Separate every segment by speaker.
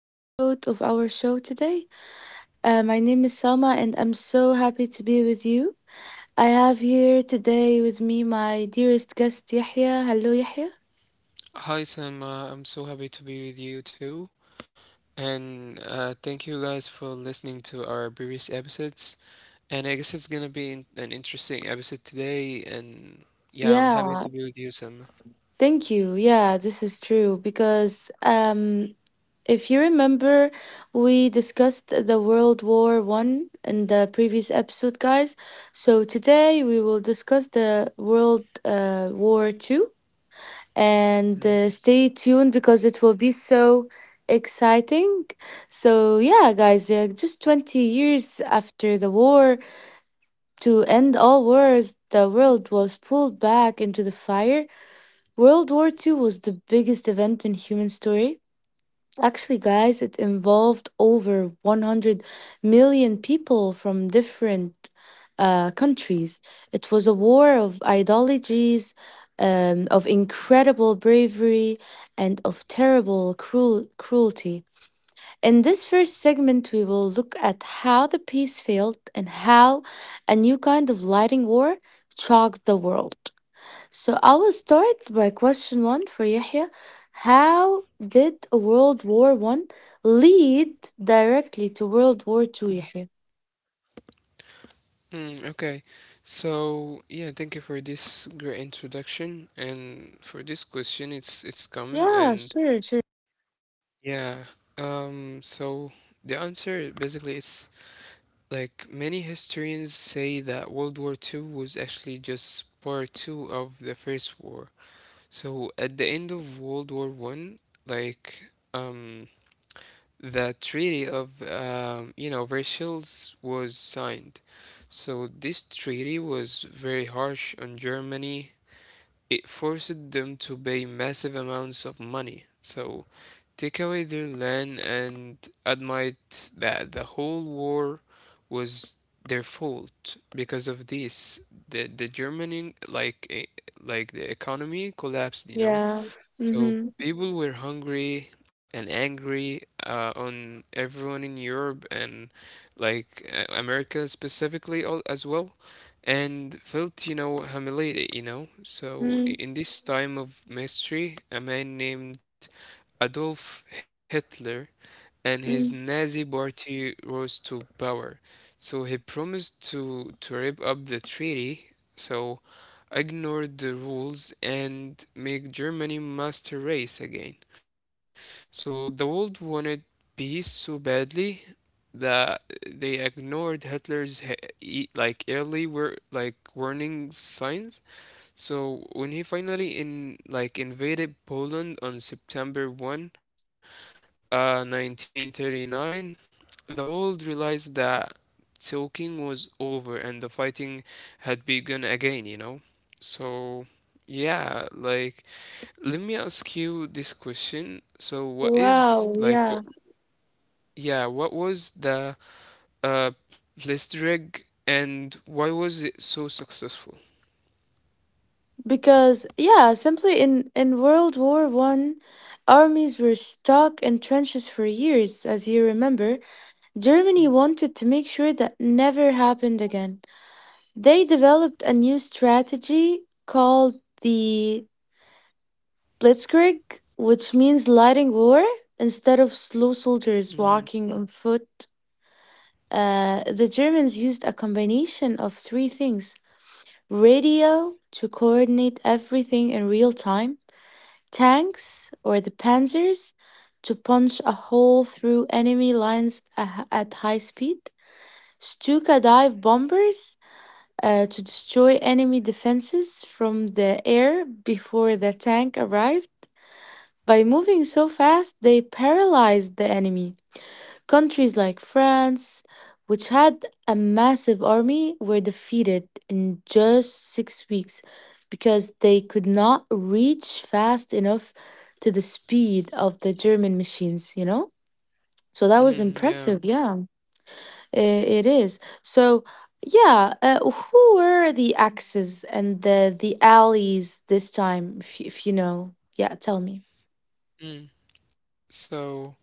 Speaker 1: episode of our show today. My name is Selma, and I'm so happy to be with you. I have here today with me my dearest guest, Yahya. Hello, Yahya.
Speaker 2: Hi, Sam. I'm so happy to be with you too. And thank you guys for listening to our previous episodes. And I guess it's gonna be an interesting episode today. And yeah, I'm
Speaker 1: Yeah,
Speaker 2: happy to be with you, Sam.
Speaker 1: thank you. Yeah, this is true because if you remember, we discussed the World War One in the previous episode, guys. So today we will discuss the World War Two and
Speaker 2: Mm.
Speaker 1: stay tuned because it will be so exciting. So, yeah, guys, just 20 years after the war, to end all wars, the world was pulled back into the fire. World War Two was the biggest event in human story. Actually, guys, it involved over 100 million people from different countries. It was a war of ideologies, of incredible bravery, and of terrible cruelty. In this first segment, we will look at how the peace failed and how a new kind of lighting war shocked the world. So I will start by question one for Yahya. How did World War One lead directly to World War Two, Yahya?
Speaker 2: Mm, okay. So yeah, thank you for this great introduction and for this question. It's common
Speaker 1: Yeah,
Speaker 2: and
Speaker 1: sure, sure.
Speaker 2: yeah. So the answer basically is like many historians say that World War Two was actually just part two of the First War. So at the end of World War One, like um, the Treaty of Versailles was signed. So this treaty was very harsh on Germany. It forced them to pay massive amounts of money, so take away their land and admit that the whole war was their fault. Because of this, the Germany, like the economy collapsed, you know,
Speaker 1: Yeah.
Speaker 2: so
Speaker 1: Mm-hmm.
Speaker 2: people were hungry and angry, on everyone in Europe and America specifically all as well, and felt, you know, humiliated, you know. So
Speaker 1: Mm-hmm.
Speaker 2: in this time of mystery, a man named Adolf Hitler and his Nazi party rose to power. So he promised to rip up the treaty, so ignored the rules and make Germany master race again. So the world wanted peace so badly that they ignored Hitler's early were like warning signs. So when he finally in like invaded Poland on September 1st, 1939, the world realized that talking was over and the fighting had begun again, you know? So, yeah, like, let me ask you this question. So, what
Speaker 1: Wow,
Speaker 2: is,
Speaker 1: yeah.
Speaker 2: like, what, yeah, what was the uh, Blitzkrieg and why was it so successful?
Speaker 1: Because yeah, simply in World War One, armies were stuck in trenches for years, as you remember. Germany wanted to make sure that never happened again. They developed a new strategy called the Blitzkrieg, which means lighting war. Instead of slow soldiers walking on
Speaker 2: Mm,
Speaker 1: foot, the Germans used a combination of three things radio to coordinate everything in real time, tanks or the panzers to punch a hole through enemy lines at high speed, Stuka dive bombers to destroy enemy defenses from the air before the tank arrived. By moving so fast, they paralyzed the enemy. Countries like France, which had a massive army, were defeated in just 6 weeks because they could not reach fast enough to the speed of the German machines, you know? So that was
Speaker 2: mm,
Speaker 1: impressive,
Speaker 2: yeah.
Speaker 1: yeah. I- It is. So, yeah, who were the axes and the alleys this time, if, if you know? Yeah, tell me.
Speaker 2: Mm. So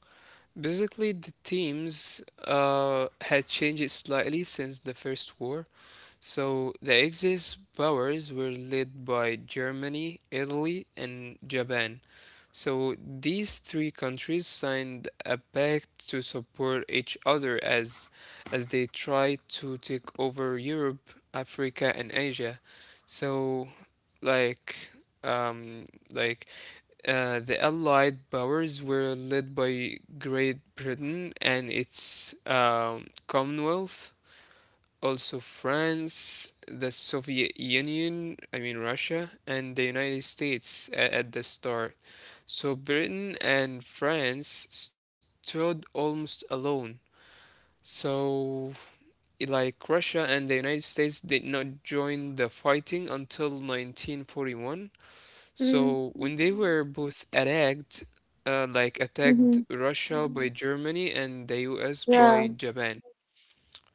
Speaker 2: basically, the teams had changed slightly since the first war. So the Axis powers were led by Germany, Italy, and Japan. So these three countries signed a pact to support each other as they tried to take over Europe, Africa, and Asia. So like um like the allied powers were led by Great Britain and its Commonwealth, also France, the Soviet Union, I mean Russia, and the United States at the start. So Britain and France stood almost alone. So, like Russia and the United States did not join the fighting until 1941. So, when they were both attacked, attacked Russia by Germany and the US by Japan.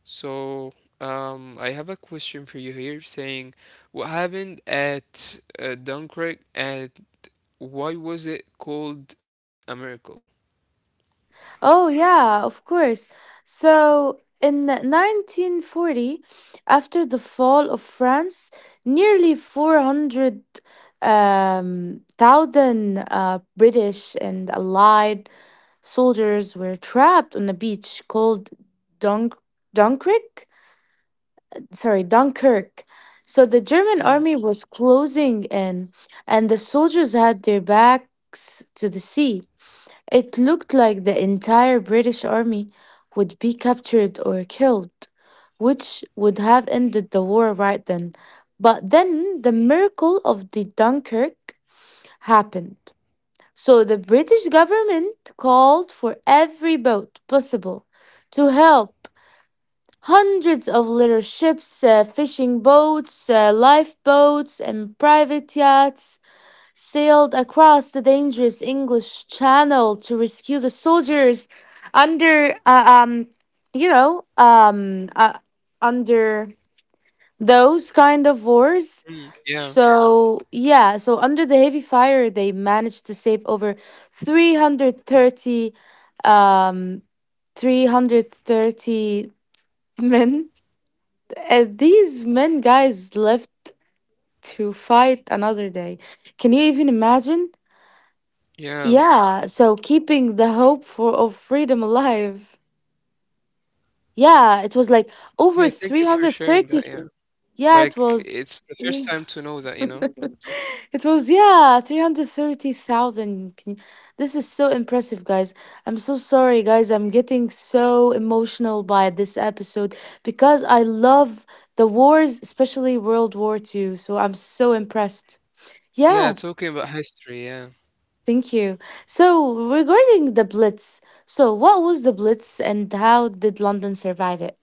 Speaker 2: So, I have a question for you here saying what happened at Dunkirk and why was it called a miracle?
Speaker 1: Oh, yeah, of course. So, in 1940, after the fall of France, nearly 400 thousand British and Allied soldiers were trapped on a beach called Dunk Dunkirk Dunkirk. So the German
Speaker 2: Mm,
Speaker 1: army was closing in, and the soldiers had their backs to the sea. It looked like the entire British army would be captured or killed, which would have ended the war right then. But then the miracle of the Dunkirk happened. So the British government called for every boat possible to help. Hundreds of little ships, fishing boats, lifeboats, and private yachts sailed across the dangerous English Channel to rescue the soldiers under, uh, um, you know, um, uh, under those kind of wars.
Speaker 2: mm, yeah,
Speaker 1: So, yeah, so under the heavy fire, they managed to save over 330, um, 330 men these men guys left to fight another day. Can you even imagine?
Speaker 2: yeah,
Speaker 1: Yeah, so keeping the hope for of freedom alive. Yeah, it was like
Speaker 2: yeah.
Speaker 1: over
Speaker 2: Thank you for sharing that.
Speaker 1: 330.
Speaker 2: Yeah,
Speaker 1: Yeah,
Speaker 2: like
Speaker 1: it was
Speaker 2: it's the first time to know that, you know?
Speaker 1: it was yeah, 330,000. This is so impressive, guys. I'm so sorry, guys. I'm getting so emotional by this episode because I love the wars, especially World War Two. So I'm so impressed. Yeah,
Speaker 2: Yeah, talking about history. Yeah.
Speaker 1: thank you. So, regarding the Blitz, so what was the Blitz and how did London survive it?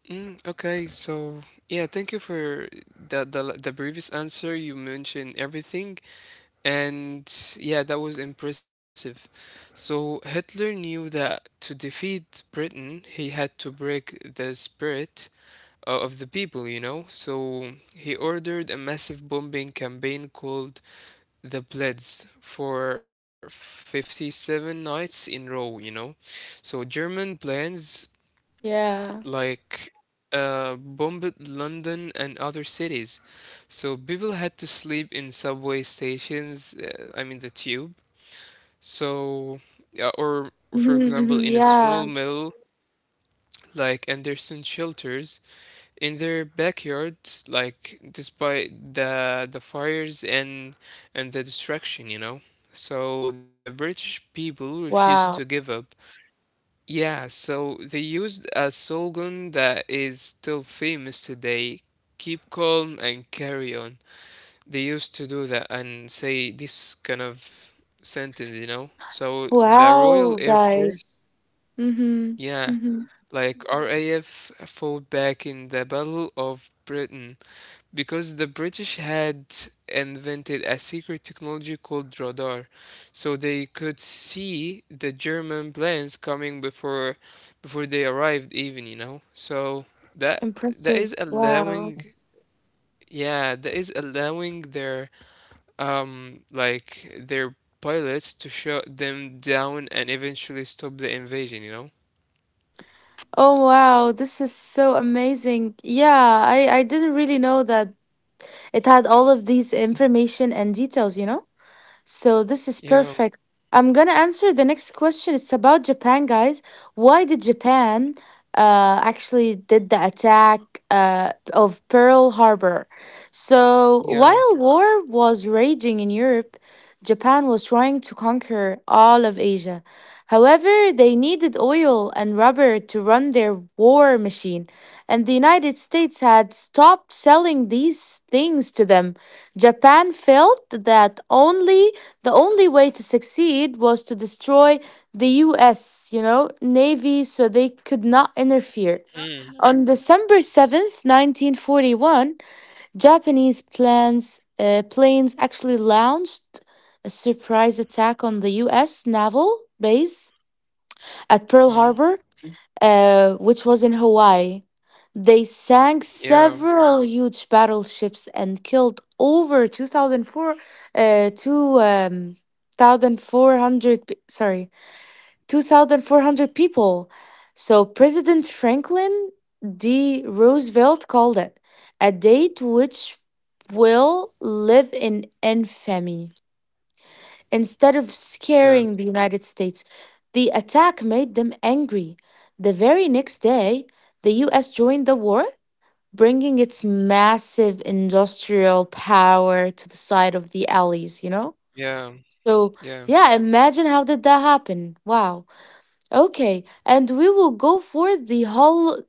Speaker 2: Mm, okay, so yeah, thank you for the previous answer. You mentioned everything. And yeah, that was impressive. So Hitler knew that to defeat Britain, he had to break the spirit of the people, you know? So he ordered a massive bombing campaign called the Blitz for 57 nights in row, you know? So German plans
Speaker 1: Yeah.
Speaker 2: like bombed London and other cities. So people had to sleep in subway stations, I mean the tube, so, yeah, or for
Speaker 1: Mm-hmm,
Speaker 2: example,
Speaker 1: mm-hmm,
Speaker 2: in a
Speaker 1: yeah.
Speaker 2: small mill like Anderson shelters in their backyards, like despite the fires and the destruction, you know. So the British people refused to
Speaker 1: Wow.
Speaker 2: give up. Yeah, so they used a slogan that is still famous today. Keep calm and carry on. They used to do that and say this kind of sentence, you know. So the Royal
Speaker 1: Wow,
Speaker 2: Air Force,
Speaker 1: guys. Mm-hmm.
Speaker 2: yeah,
Speaker 1: Mm-hmm.
Speaker 2: like RAF fought back in the Battle of Britain because the British had invented a secret technology called radar, so they could see the German planes coming before before they arrived even, you know. So that that is
Speaker 1: Impressive. Wow.
Speaker 2: allowing, yeah, that is allowing their their pilots to shut them down and eventually stop the invasion, you know?
Speaker 1: Oh wow, this is so amazing. Yeah, I didn't really know that it had all of these information and details, you know? So this is
Speaker 2: Yeah,
Speaker 1: perfect. I'm gonna answer the next question. It's about Japan, guys. Why did Japan actually did the attack of Pearl Harbor? So
Speaker 2: yeah.
Speaker 1: while war was raging in Europe, Japan was trying to conquer all of Asia. However, they needed oil and rubber to run their war machine, and the United States had stopped selling these things to them. Japan felt that only the only way to succeed was to destroy the US, you know, navy so they could not interfere. On December 7th, 1941, Japanese planes actually launched a surprise attack on the US naval base at
Speaker 2: Hmm.
Speaker 1: Pearl Harbor which was in Hawaii. They sank
Speaker 2: Yeah,
Speaker 1: several huge battleships and killed over 2,004, 2 thousand four hundred, sorry, 2,400 people. So President Franklin D. Roosevelt called it a date which will live in infamy. Instead of
Speaker 2: yeah,
Speaker 1: scaring the United States, the attack made them angry. The very next day, the US joined the war, bringing its massive industrial power to the side of the allies, you know?
Speaker 2: yeah,
Speaker 1: So,
Speaker 2: yeah.
Speaker 1: yeah, imagine how did that happen? Wow. Okay, and we will go for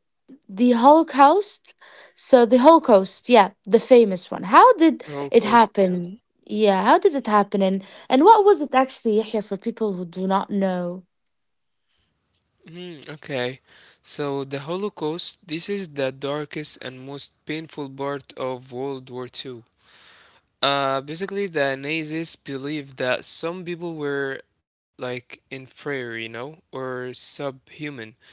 Speaker 1: the Holocaust? So the Holocaust, yeah, the famous one. How did
Speaker 2: The
Speaker 1: it
Speaker 2: Holocaust, yeah.
Speaker 1: happen? Yeah, how did it happen? And what was it actually, Yahya, for people who do not know?
Speaker 2: Hmm. Okay. So the Holocaust, this is the darkest and most painful part of World War Two. Basically, the Nazis believed that some people were like inferior, you know, or subhuman.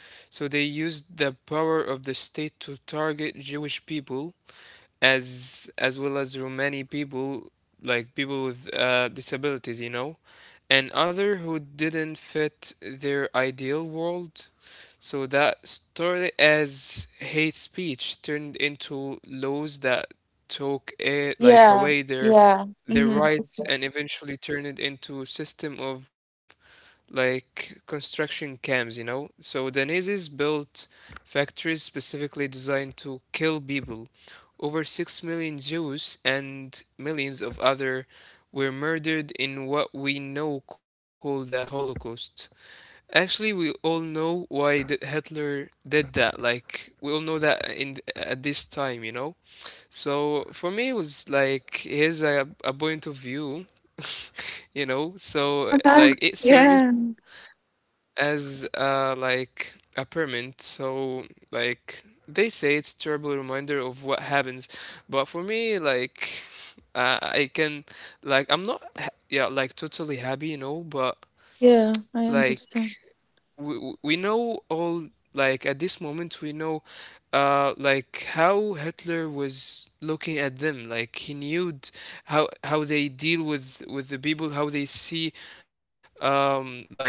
Speaker 2: So they used the power of the state to target Jewish people as well as Romani people, like people with disabilities, you know, and other who didn't fit their ideal world. So that started as hate speech turned into laws that took it like
Speaker 1: Yeah,
Speaker 2: away
Speaker 1: yeah.
Speaker 2: their
Speaker 1: Mm-hmm.
Speaker 2: rights and eventually turned it into a system of like construction camps, you know? So the Nazis built factories specifically designed to kill people. Over 6 million Jews and millions of other were murdered in what we know called the Holocaust. Actually, we all know why did Hitler did that. Like we all know that in at this time, you know? So for me, it was like here's a point of view, you know. So
Speaker 1: Uh-huh.
Speaker 2: like it
Speaker 1: Yeah.
Speaker 2: serves as like a permanent. So like they say, it's terrible reminder of what happens. But for me, like I can like I'm not ha- yeah, like totally happy, you know. But
Speaker 1: Yeah, I
Speaker 2: like
Speaker 1: understand.
Speaker 2: we know all, like at this moment we know how Hitler was looking at them, like he knew how they deal with the people, how they see um like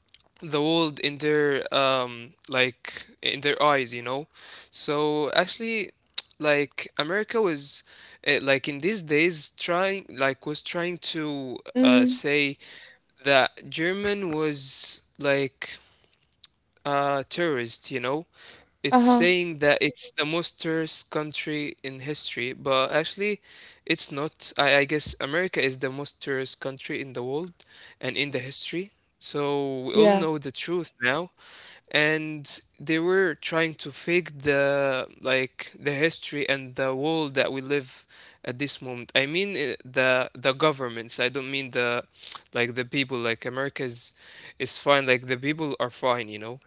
Speaker 2: the world in their in their eyes, you know. So actually like America was, like in these days trying, like was trying to
Speaker 1: Mm,
Speaker 2: say that German was like a terrorist, you know. It's
Speaker 1: uh-huh.
Speaker 2: saying that it's the most terrorist country in history, but actually it's not. I guess America is the most terrorist country in the world and in the history. So we all
Speaker 1: Yeah.
Speaker 2: know the truth now, and they were trying to fake the like the history and the world that we live at this moment. I mean, the governments. I don't mean the like the people. Like America is fine, like the people are fine, you know.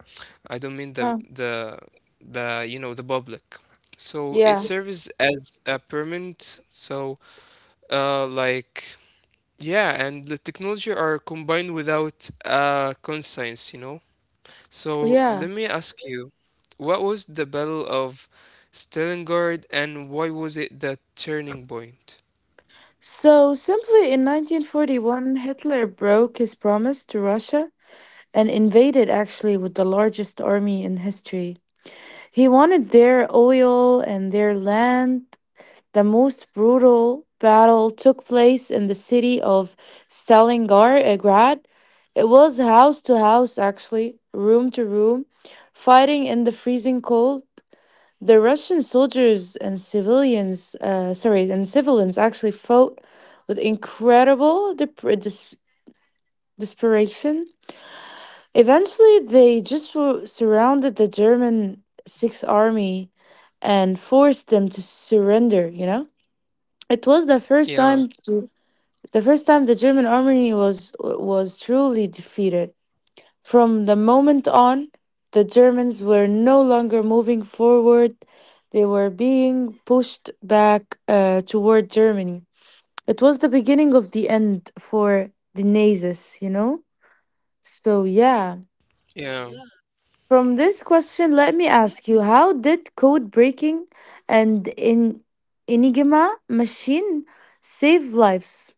Speaker 2: I don't mean the
Speaker 1: Uh,
Speaker 2: the the you know the public. So it
Speaker 1: yeah.
Speaker 2: serves as a permanent. So uh like yeah, and the technology are combined without conscience, you know. So
Speaker 1: Yeah.
Speaker 2: let me ask you, what was the Battle of Stalingrad and why was it the turning point?
Speaker 1: So simply in 1941, Hitler broke his promise to Russia and invaded actually with the largest army in history. He wanted their oil and their land. The most brutal battle took place in the city of Stalingrad. It was house to house, actually, room to room, fighting in the freezing cold. The Russian soldiers and and civilians actually fought with incredible desperation. Eventually, they just were surrounded the German Sixth Army and forced them to surrender, you know? It was
Speaker 2: Yeah,
Speaker 1: the first time the German army was truly defeated. From the moment on, the Germans were no longer moving forward. They were being pushed back toward Germany. It was the beginning of the end for the Nazis, you know? So yeah.
Speaker 2: yeah,
Speaker 1: From this question, let me ask you how did code breaking and in Enigma machine save lives?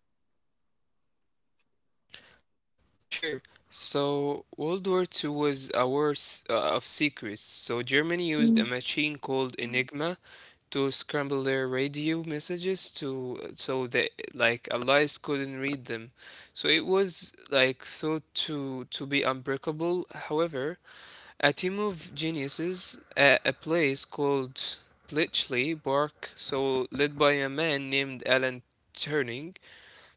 Speaker 2: sure. So World War Two was a war of secrets. So Germany used a
Speaker 1: Mm.
Speaker 2: machine called Enigma to scramble their radio messages to so that like allies couldn't read them. So it was like thought to be unbreakable. However, a team of geniuses at a place called Bletchley Park, so led by a man named Alan Turing,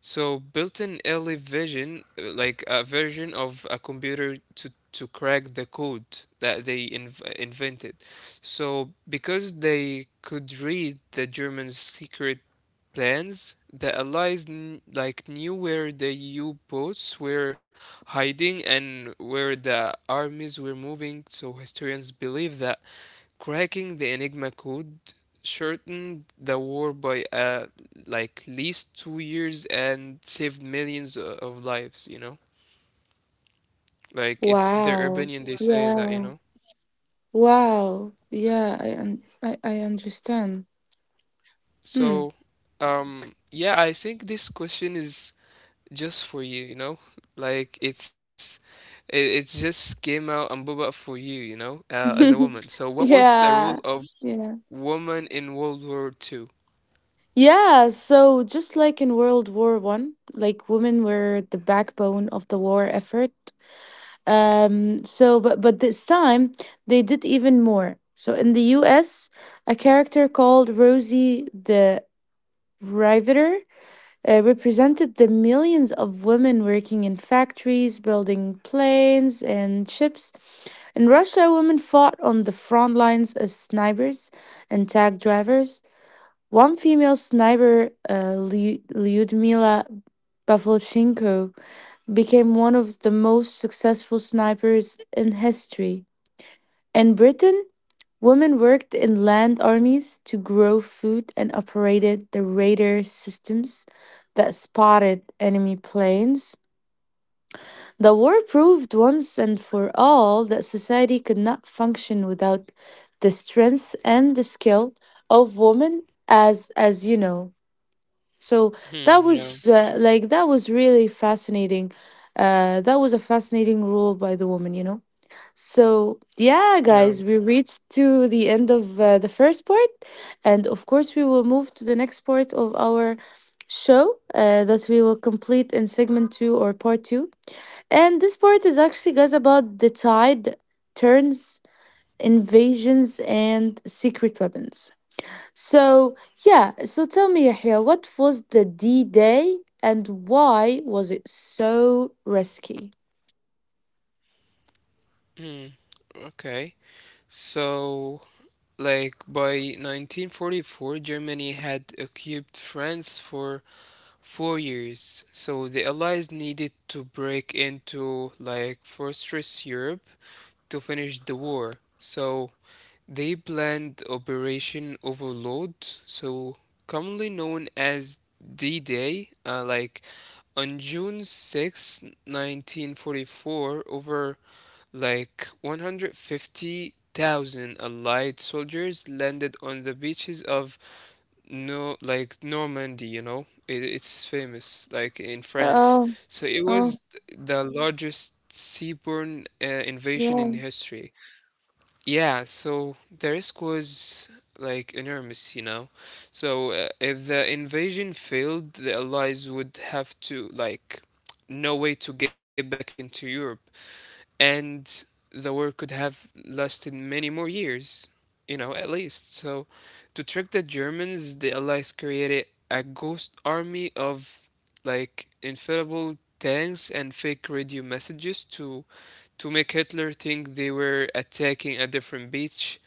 Speaker 2: so built an early vision, like a version of a computer to crack the code that they invented. So because they could read the German secret plans. The Allies knew where the U-boats were hiding and where the armies were moving, so historians believe that cracking the Enigma code shortened the war by like least 2 years and saved millions of lives, you know? Like it's their
Speaker 1: Wow.
Speaker 2: opinion, they say that, you
Speaker 1: Yeah.
Speaker 2: know?
Speaker 1: Wow. Yeah, I understand. Hmm.
Speaker 2: So, yeah, I think this question is just for you, you know? Like it's it, it just came out and Boba for you, you know, as a woman. So what was the role
Speaker 1: yeah.
Speaker 2: of
Speaker 1: Yeah.
Speaker 2: woman in World War Two?
Speaker 1: Yeah, so just like in World War One, like women were the backbone of the war effort. So, but this time they did even more. So in the U.S., a character called Rosie the Riveter represented the millions of women working in factories, building planes and ships. In Russia, women fought on the front lines as snipers and tank drivers. One female sniper, Lyudmila Pavlchenko, became one of the most successful snipers in history. In Britain, women worked in land armies to grow food and operated the radar systems that spotted enemy planes. The war proved once and for all that society could not function without the strength and the skill of women as you know. So that
Speaker 2: Hmm,
Speaker 1: was
Speaker 2: yeah,
Speaker 1: that was really fascinating. That was a fascinating role by the woman, you know. So yeah,
Speaker 2: yeah.
Speaker 1: guys, we reached to the end of the first part, and of course we will move to the next part of our show that we will complete in segment two or part two. And this part is actually, guys, about the tide turns, invasions, and secret weapons. So, yeah, so tell me, Yahya, what was the D Day and why was it so risky?
Speaker 2: Hmm. Okay. So like by 1944, Germany had occupied France for 4 years. So the Allies needed to break into like fortress Europe to finish the war. So they planned Operation Overlord, so commonly known as D-Day, like on June 6, 1944, over like 150,000 Allied soldiers landed on the beaches of no like Normandy, you know. It's famous like in France.
Speaker 1: Oh,
Speaker 2: So it
Speaker 1: oh,
Speaker 2: was the largest seaborne invasion in
Speaker 1: yeah.
Speaker 2: history. Yeah, so the risk was like enormous, you know. So if the invasion failed, the Allies would have to like no way to get back into Europe, and the war could have lasted many more years, you know, at least. So to trick the Germans, the Allies created a ghost army of like infallible tanks and fake radio messages to make Hitler think they were attacking a different beach.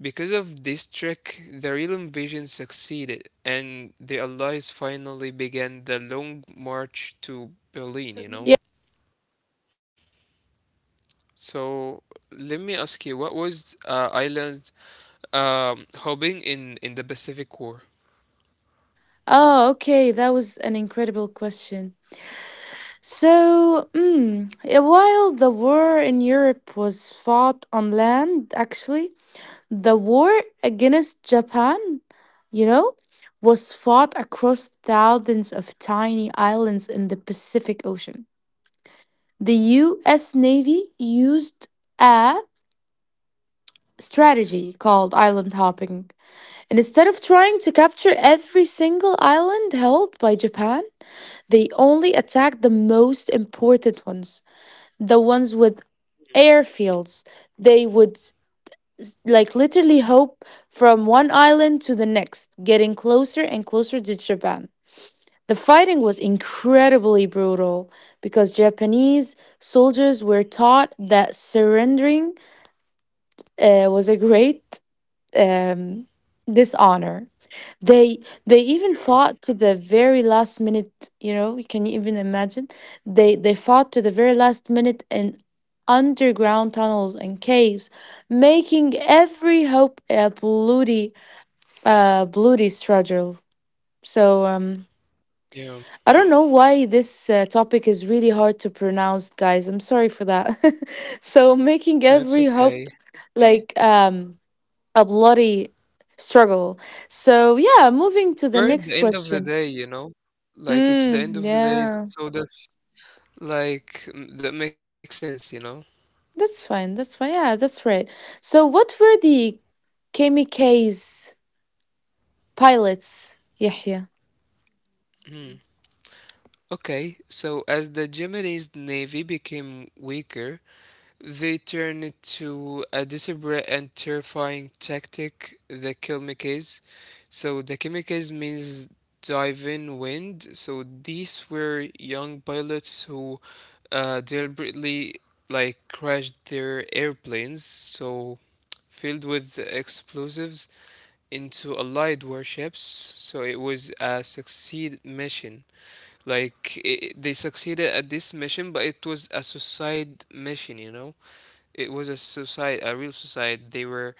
Speaker 2: Because of this trick, the real invasion succeeded, and the Allies finally began the long march to Berlin, you know?
Speaker 1: Yeah.
Speaker 2: So let me ask you, what was Ireland hoping in the Pacific War?
Speaker 1: Oh, okay. That was an incredible question. So, while the war in Europe was fought on land, actually, the war against Japan, you know, was fought across thousands of tiny islands in the Pacific Ocean. The US Navy used a strategy called island hopping. And instead of trying to capture every single island held by Japan, they only attacked the most important ones, the ones with airfields. They would like literally hop from one island to the next, getting closer and closer to Japan. The fighting was incredibly brutal because Japanese soldiers were taught that surrendering was a great um, dishonor. They they even
Speaker 2: Yeah,
Speaker 1: fought to the very last minute, you know, can you even imagine? They fought to the very last minute in underground tunnels and caves, making every hope a bloody struggle. So
Speaker 2: yeah,
Speaker 1: I don't know why this topic is really hard to pronounce, guys. I'm sorry for that. so making
Speaker 2: that's
Speaker 1: every
Speaker 2: okay.
Speaker 1: hope like um a bloody struggle. So yeah, moving to the
Speaker 2: We're at the
Speaker 1: next
Speaker 2: end of the
Speaker 1: question.
Speaker 2: day, you know? Like, it's the end
Speaker 1: Mm,
Speaker 2: of the day,
Speaker 1: yeah,
Speaker 2: so that's like, that makes sense, you know?
Speaker 1: that's fine. That's fine. Yeah, that's right. So, what were the Kamikaze pilots, Yahya?
Speaker 2: Okay, so as the Japanese navy became weaker, they turned to a desperate and terrifying tactic, the Kimikes. So the Kimikes means diving wind. So these were young pilots who deliberately like crashed their airplanes, so filled with explosives into Allied warships. So it was a succeed mission. Like I they succeeded at this mission, but it was a suicide mission. You know, it was a suicide, a real suicide. They were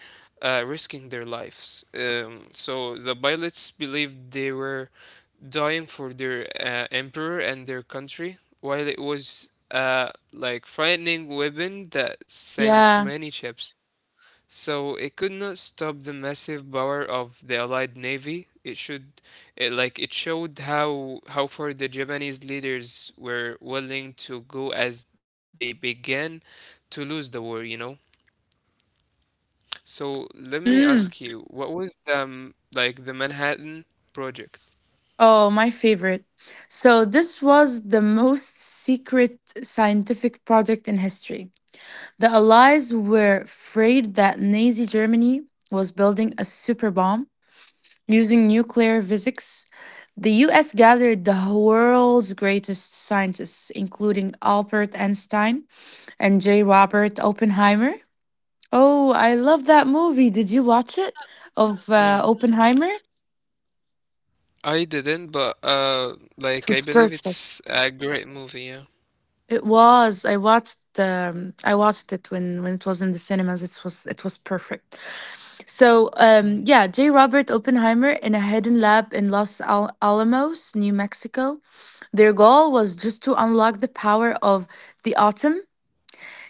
Speaker 2: risking their lives. So the pilots believed they were dying for their emperor and their country, while it was like frightening weapon that sank
Speaker 1: Yeah.
Speaker 2: many ships. So it could not stop the massive power of the Allied navy. Like, it showed how far the Japanese leaders were willing to go as they began to lose the war, you know. So let me
Speaker 1: Mm.
Speaker 2: ask you, what was the like the Manhattan Project?
Speaker 1: Oh, my favorite. So, this was the most secret scientific project in history. The Allies were afraid that Nazi Germany was building a super bomb using nuclear physics. The US gathered the world's greatest scientists, including Albert Einstein, and J. Robert Oppenheimer. Oh, I love that movie. Did you watch it?
Speaker 2: Mm.
Speaker 1: Of Oppenheimer?
Speaker 2: I didn't, but like I
Speaker 1: It was
Speaker 2: believe
Speaker 1: perfect.
Speaker 2: it's a great movie. Yeah.
Speaker 1: It was. I watched. I watched it when it was in the cinemas. It was. It was perfect. So
Speaker 2: Hmm.
Speaker 1: yeah, J. Robert Oppenheimer in a hidden lab in Alamos, New Mexico. Their goal was just to unlock the power of the atom.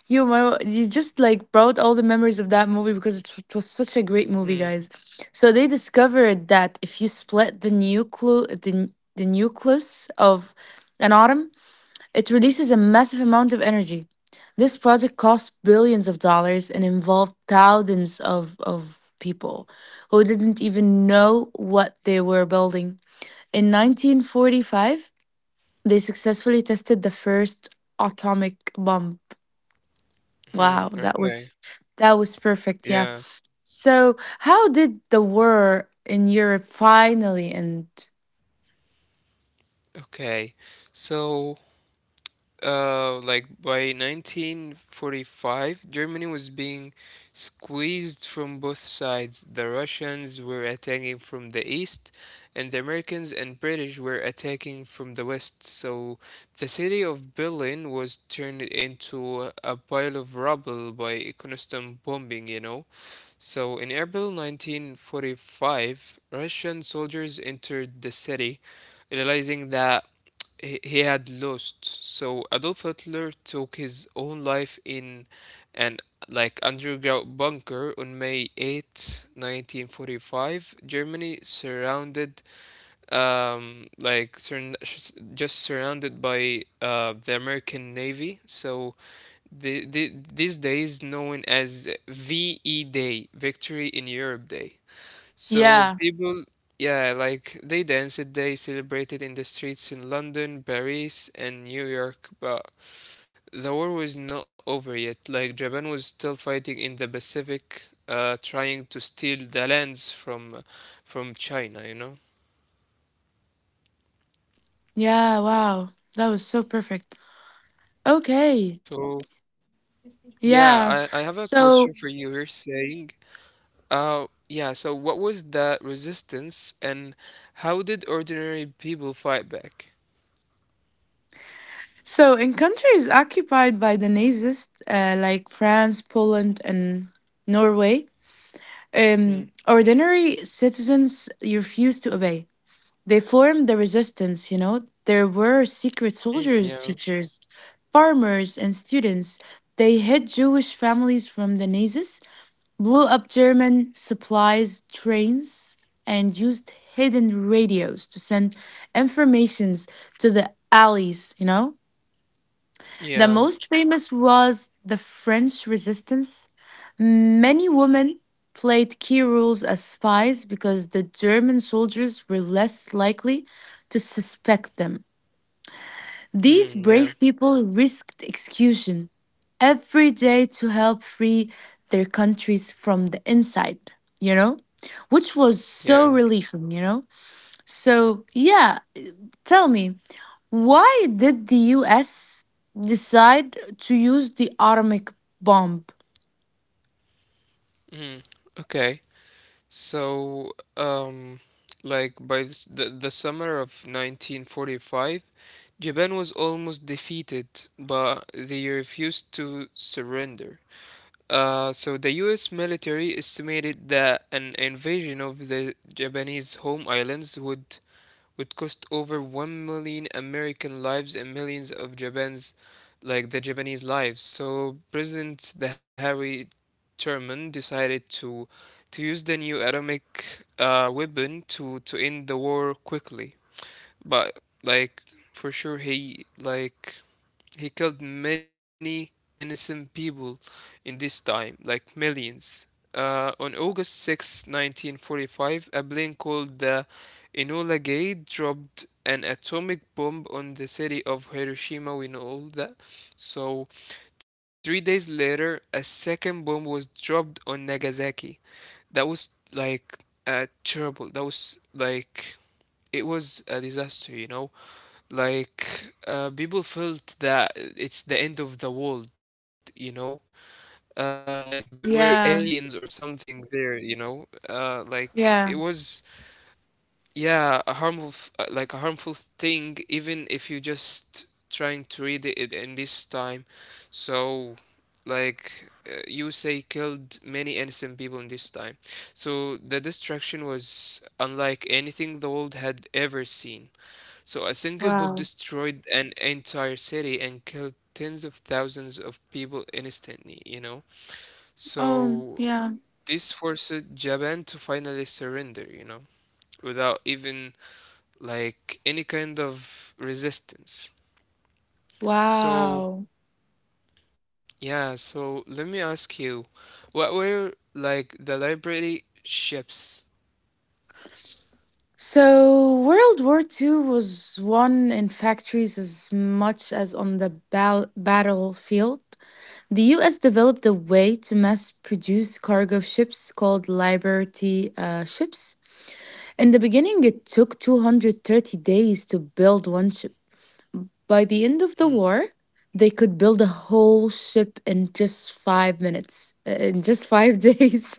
Speaker 1: You just like brought all the memories of that movie because it was such a great
Speaker 2: Hmm.
Speaker 1: movie, guys. So they discovered that if you split the nucleus, the nucleus of an atom, it releases a massive amount of energy. This project cost billions of dollars and involved thousands of people who didn't even know what they were building. In 1945, they successfully tested the first atomic bomb.
Speaker 2: Hmm.
Speaker 1: Wow,
Speaker 2: Okay.
Speaker 1: that was perfect. Yeah.
Speaker 2: Yeah.
Speaker 1: So, how did the war in Europe finally end?
Speaker 2: Okay. So, like by 1945, Germany was being squeezed from both sides. The Russians were attacking from the east, and the Americans and British were attacking from the west. So the city of Berlin was turned into a pile of rubble by constant bombing, you know. So, in April 1945, Russian soldiers entered the city, realizing that he had lost. So, Adolf Hitler took his own life in an like underground bunker on May 8th, 1945. Germany surrounded, um, like sur- just surrounded by the American Navy. So, this day is known as VE Day, Victory in Europe Day. So
Speaker 1: Yeah.
Speaker 2: people, yeah, like they celebrated in the streets in London, Paris, and New York. But the war was not over yet. Like Japan was still fighting in the Pacific, trying to steal the lands from China, you know.
Speaker 1: Yeah, wow. That was so perfect. Okay.
Speaker 2: So yeah, I have
Speaker 1: Yeah.
Speaker 2: a question for you.
Speaker 1: So,
Speaker 2: You're saying, yeah, so what was the resistance and how did ordinary people fight back?
Speaker 1: so in countries occupied by the Nazis, like France, Poland, and Norway,
Speaker 2: Hmm.
Speaker 1: ordinary citizens refused to obey. They formed the resistance, you know. There were secret
Speaker 2: Mm, yeah.
Speaker 1: soldiers, teachers, farmers, and students. They hid Jewish families from the Nazis, blew up German supplies trains, and used hidden radios to send informations to the alleys, you know?
Speaker 2: Yeah.
Speaker 1: The most famous was the French resistance. Many women played key roles as spies because the German soldiers were less likely to suspect them.
Speaker 2: Hmm.
Speaker 1: These
Speaker 2: Yeah.
Speaker 1: brave people risked execution every day to help free their countries from the inside, you know? Which was
Speaker 2: Yeah.
Speaker 1: so relieving, you know? So, yeah. Tell me, why did the US decide to use the atomic bomb?
Speaker 2: Hmm. Okay. So, um, like the summer of 1945, Japan was almost defeated, but they refused to surrender. So the U.S. military estimated that an invasion of the Japanese home islands would cost over 1 million American lives and millions of Japan's like the Japanese lives. So President Harry Truman decided to use the new atomic weapon to end the war quickly. But like for sure he like he killed many innocent people in this time, like millions. On August 6th, 1945, a plane called the Enola Gay dropped an atomic bomb on the city of Hiroshima. We know all that. So, 3 days later, a second bomb was dropped on Nagasaki. That was like terrible. That was like it was a disaster, you know. Like, people felt that it's the end of the world, you know? Like there were aliens or
Speaker 1: Yeah,
Speaker 2: something there, you know? Like it
Speaker 1: yeah,
Speaker 2: was, yeah, a harmful, like a harmful thing, even if you just trying to read it in this time. So, like, you say killed many innocent people in this time. So the destruction was unlike anything the world had ever seen. So a single bomb
Speaker 1: wow.
Speaker 2: destroyed an entire city and killed tens of thousands of people instantly, you know.
Speaker 1: Oh,
Speaker 2: So
Speaker 1: yeah.
Speaker 2: this forced Japan to finally surrender, you know, without even like any kind of resistance. So
Speaker 1: Wow.
Speaker 2: yeah, so let me ask you, what were like the library ships?
Speaker 1: So, World War Two was won in factories as much as on the battlefield. The US developed a way to mass produce cargo ships called Liberty ships. In the beginning, it took 230 days to build one ship. By the end of the
Speaker 2: Hmm.
Speaker 1: war, they could build a whole ship in just five days.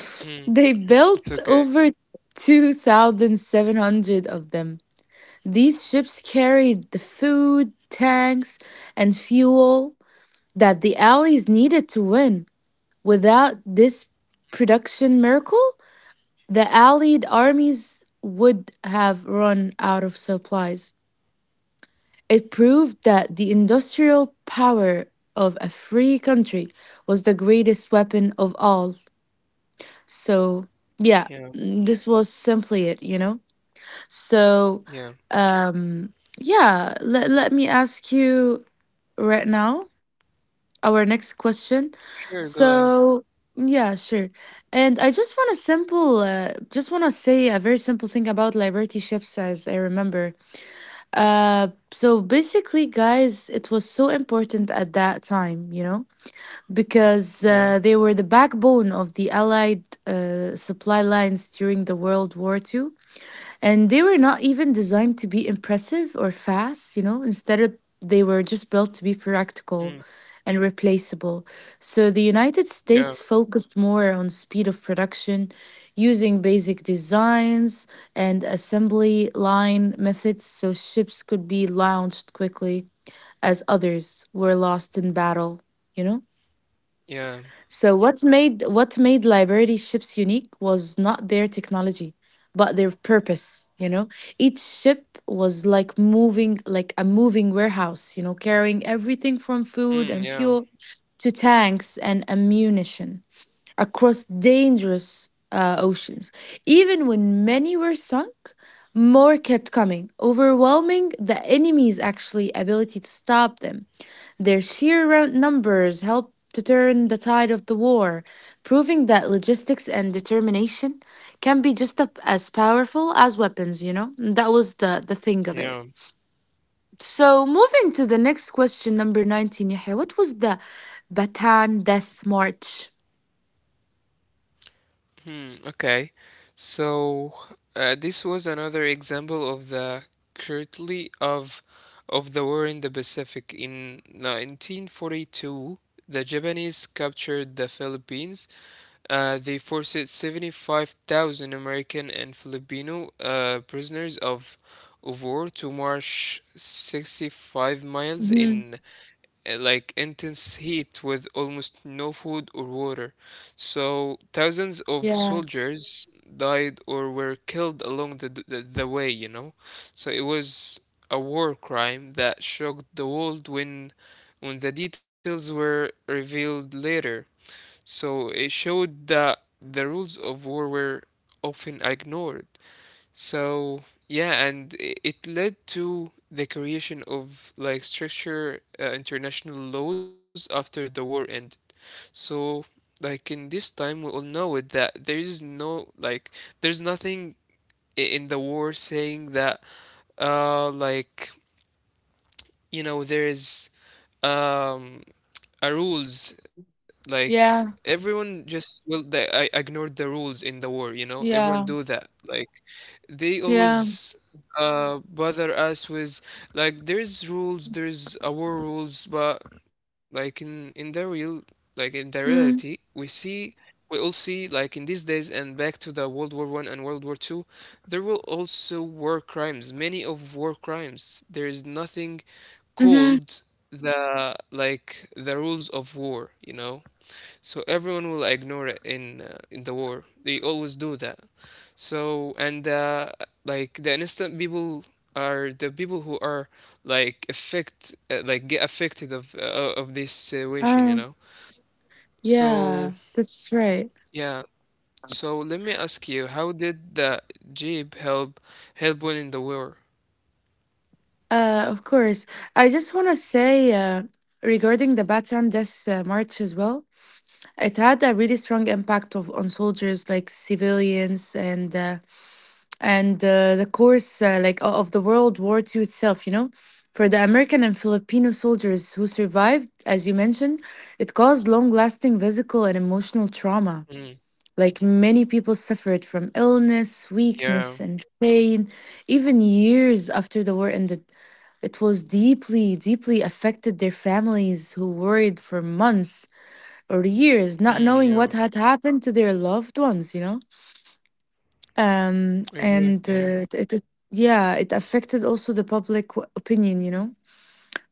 Speaker 2: Hmm.
Speaker 1: They
Speaker 2: It's
Speaker 1: built
Speaker 2: okay.
Speaker 1: over 2,700 of them. These ships carried the food, tanks, and fuel that the Allies needed to win. Without this production miracle, the Allied armies would have run out of supplies. It proved that the industrial power of a free country was the greatest weapon of all. So,
Speaker 2: Yeah,
Speaker 1: yeah, this was simply it, you know? So,
Speaker 2: yeah.
Speaker 1: yeah, let me ask you right now our next question.
Speaker 2: Sure, go ahead.
Speaker 1: So, yeah, sure. And I just want to simple, just want to say a very simple thing about liberty ships, as I remember. So basically, guys, it was so important at that time, you know, because
Speaker 2: Yeah.
Speaker 1: they were the backbone of the Allied supply lines during the World War Two. And they were not even designed to be impressive or fast, you know, instead of they were just built to be
Speaker 2: Mm.
Speaker 1: practical and replaceable. So the United
Speaker 2: Yeah.
Speaker 1: States focused more on speed of production using basic designs and assembly line methods so ships could be launched quickly as others were lost in battle, you know?
Speaker 2: Yeah.
Speaker 1: So what made library ships unique was not their technology, but their purpose, you know. Each ship was like a moving warehouse, you know, carrying everything from food
Speaker 2: Mm,
Speaker 1: and
Speaker 2: yeah.
Speaker 1: fuel to tanks and ammunition across dangerous oceans. Even when many were sunk, more kept coming, overwhelming the enemy's actually ability to stop them. Their sheer numbers helped to turn the tide of the war, proving that logistics and determination can be just as powerful as weapons, you know? That was the thing of it.
Speaker 2: Yeah.
Speaker 1: So, moving to the next question, number 19, Yahya, what was the Bataan Death March?
Speaker 2: Hmm, okay. So this was another example of the cruelty of the war in the Pacific. In 1942, the Japanese captured the Philippines. They forced 75,000 American and Filipino prisoners of war to march 65 miles
Speaker 1: Hmm.
Speaker 2: in like intense heat with almost no food or water. So thousands of
Speaker 1: Yeah,
Speaker 2: soldiers died or were killed along the way, you know. So it was a war crime that shocked the world when the details were revealed later. So it showed that the rules of war were often ignored. So, yeah, and it led to the creation of like stricter international laws after the war ended. So, like in this time, we all know it that there is no like there's nothing in the war saying that like you know there is um a rules like
Speaker 1: yeah,
Speaker 2: everyone just well they I ignored the rules in the war you know everyone do
Speaker 1: yeah,
Speaker 2: that like they
Speaker 1: yeah.
Speaker 2: always bother us with like there's rules there's our rules but like in the real like in the reality
Speaker 1: Mm.
Speaker 2: we see we all see like in these days and back to the world war one and world war two there were also war crimes many of war crimes there is nothing
Speaker 1: Mm-hmm.
Speaker 2: called the like the rules of war you know so everyone will ignore it in the war. They always do that. So and like the innocent people are the people who are like affect like get affected of this situation, you
Speaker 1: Oh,
Speaker 2: know. So
Speaker 1: yeah, that's right.
Speaker 2: yeah. So let me ask you, how did the jeep help winning the war?
Speaker 1: Of course. I just want to say regarding the Bataan Death March as well, it had a really strong impact of on soldiers, like civilians, and the course of the World War Two itself. You know, for the American and Filipino soldiers who survived, as you mentioned, it caused long-lasting physical and emotional trauma.
Speaker 2: Hmm.
Speaker 1: Like many people suffered from illness, weakness,
Speaker 2: Yeah.
Speaker 1: and pain, even years after the war ended. It was deeply, deeply affected their families who worried for months or years,
Speaker 2: Hmm,
Speaker 1: not
Speaker 2: yeah.
Speaker 1: knowing what had happened to their loved ones, you know? And
Speaker 2: Exactly. Yeah.
Speaker 1: it, it, it- Yeah, it affected also the public opinion, you know?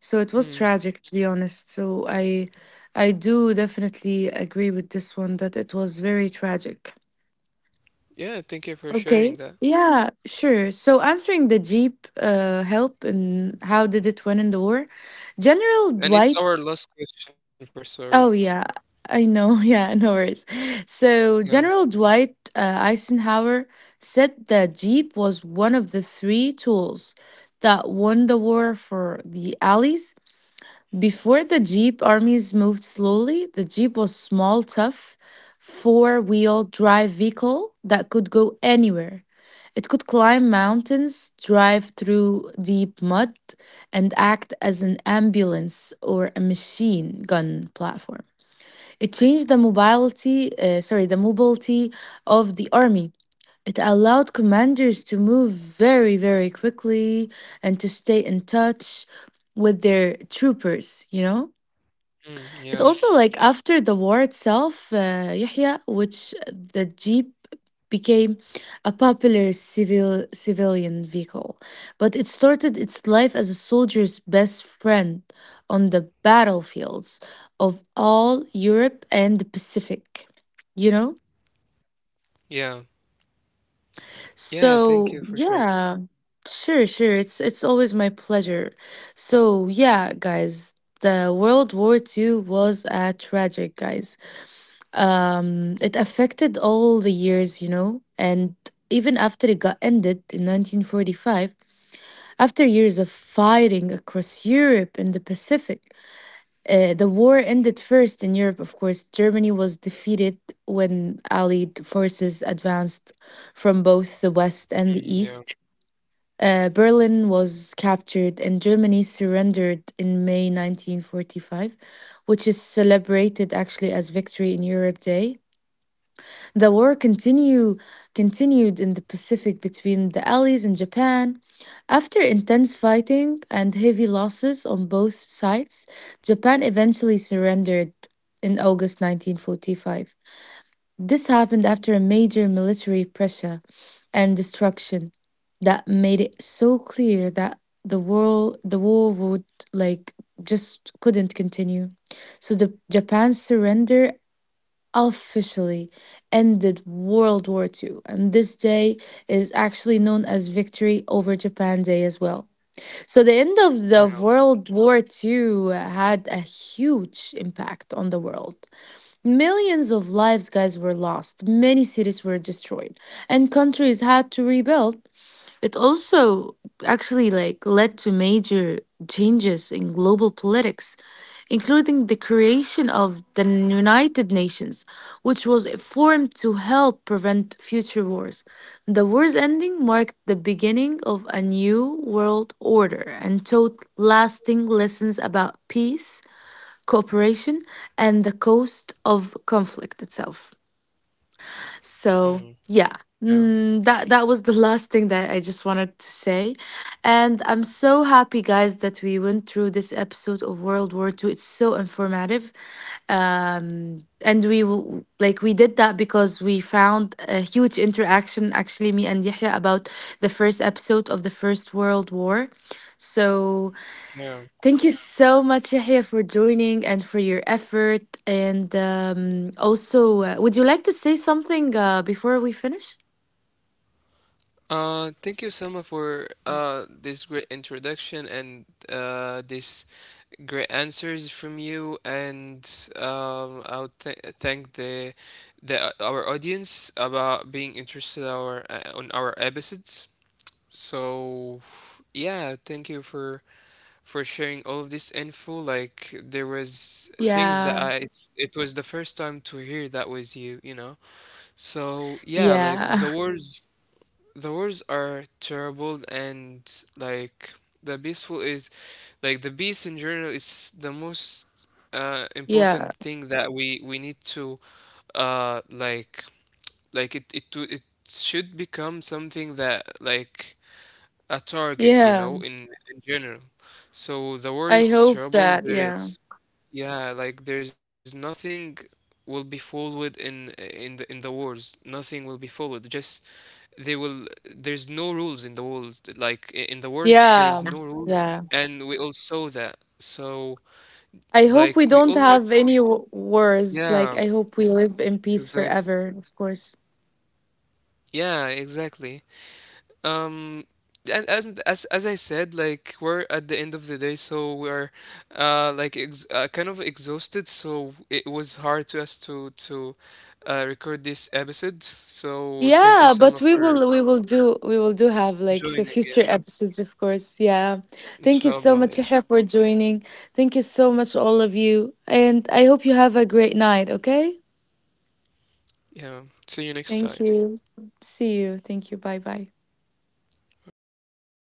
Speaker 1: So it was
Speaker 2: Hmm.
Speaker 1: tragic, to be honest. So I do definitely agree with this one that it was very tragic.
Speaker 2: Yeah. Thank you for
Speaker 1: Okay.
Speaker 2: sharing that.
Speaker 1: Yeah, sure. So answering the Jeep help and how did it win in the war? General
Speaker 2: And it's our
Speaker 1: Dwight.
Speaker 2: last question for sorry.
Speaker 1: Oh yeah, I know. Yeah, no worries.
Speaker 2: Yeah.
Speaker 1: So General Dwight Eisenhower said that Jeep was one of the three tools that won the war for the Allies. Before the Jeep armies moved slowly, the Jeep was small, tough, four-wheel drive vehicle that could go anywhere. It could climb mountains, drive through deep mud, and act as an ambulance or a machine gun platform. It changed the mobility, the mobility of the army. It allowed commanders to move very, very quickly and to stay in touch with their troopers, you know?
Speaker 2: Mm,
Speaker 1: It
Speaker 2: yeah.
Speaker 1: also like after the war itself, Yahya, which the jeep became a popular civilian vehicle, but it started its life as a soldier's best friend on the battlefields of all Europe and the Pacific. You know,
Speaker 2: Yeah. Yeah, thank you
Speaker 1: so
Speaker 2: for sharing.
Speaker 1: yeah, sure, sure. It's always my pleasure. So yeah, guys. The World War Two was a tragic, guys. It affected all the years, you know, and even after it got ended in 1945, after years of fighting across Europe and the Pacific, the war ended first in Europe, of course. Germany was defeated when Allied forces advanced from both the West and the
Speaker 2: Mm, yeah,
Speaker 1: East. Berlin was captured and Germany surrendered in May 1945, which is celebrated actually as Victory in Europe Day. The continued in the Pacific between the Allies and Japan. After intense fighting and heavy losses on both sides, Japan eventually surrendered in August 1945. This happened after a major military pressure and destruction that made it so clear that the war would like just couldn't continue. So the Japan's surrender officially ended World War Two, and this day is actually known as Victory over Japan Day as well. So, the end of the
Speaker 2: yeah,
Speaker 1: World War Two had a huge impact on the world. Millions of lives, guys, were lost, many cities were destroyed, and countries had to rebuild. It also actually like led to major changes in global politics, including the creation of the United Nations, which was formed to help prevent future wars. The war's ending marked the beginning of a new world order and taught lasting lessons about peace, cooperation, and the cost of conflict itself. So
Speaker 2: mhm,
Speaker 1: yeah,
Speaker 2: yeah,
Speaker 1: that that was the last thing that I just wanted to say, and I'm so happy, guys, that we went through this episode of World War Two. It's so informative, and like we did that because we found a huge interaction, actually, me and Yahya about the first episode of the First World War. So
Speaker 2: yeah.
Speaker 1: thank you so much, Yahya, for joining and for your effort. And also, would you like to say something before we finish?
Speaker 2: Thank you, Selma, for this great introduction and this great answers from you. And I'll thank the our audience about being interested our on our episodes. So yeah, thank you for sharing all of this info. Like there was things that
Speaker 1: Yeah,
Speaker 2: I it's it was the first time to hear that was you, you know. So yeah, like
Speaker 1: yeah,
Speaker 2: the wars are terrible and like the peaceful is like the peace in general is the most
Speaker 1: yeah,
Speaker 2: important thing that we need to like it should become something that like a target, you know,
Speaker 1: yeah.
Speaker 2: in general. So the war
Speaker 1: I
Speaker 2: is
Speaker 1: hope
Speaker 2: terrible.
Speaker 1: that, yeah,
Speaker 2: There's yeah, like there's nothing will be followed in the wars. Nothing will be followed. Just they will. There's no rules in the wars. Like in the wars, there is
Speaker 1: yeah,
Speaker 2: no rules,
Speaker 1: yeah.
Speaker 2: and we all saw that. So
Speaker 1: I hope we
Speaker 2: like we
Speaker 1: don't
Speaker 2: all need.
Speaker 1: have any wars.
Speaker 2: Yeah,
Speaker 1: Like, I hope we live in peace
Speaker 2: exactly.
Speaker 1: forever, of course.
Speaker 2: Yeah, exactly. Um, and as I said, like we're at the end of the day, so we're like ex kind of exhausted. So it was hard to us to record this episode. So thank you,
Speaker 1: Yeah, but
Speaker 2: Salma, for
Speaker 1: we will do have like for
Speaker 2: joining.
Speaker 1: future
Speaker 2: Yeah,
Speaker 1: episodes, of course. Yeah. Thank you so
Speaker 2: inshallah.
Speaker 1: much,
Speaker 2: Yeah,
Speaker 1: Yahya, for joining. Thank you so much, all of you. And I hope you have a great night, okay?
Speaker 2: yeah. See you next
Speaker 1: Thank
Speaker 2: time.
Speaker 1: you. See you. Thank you. Bye bye.
Speaker 2: Bye.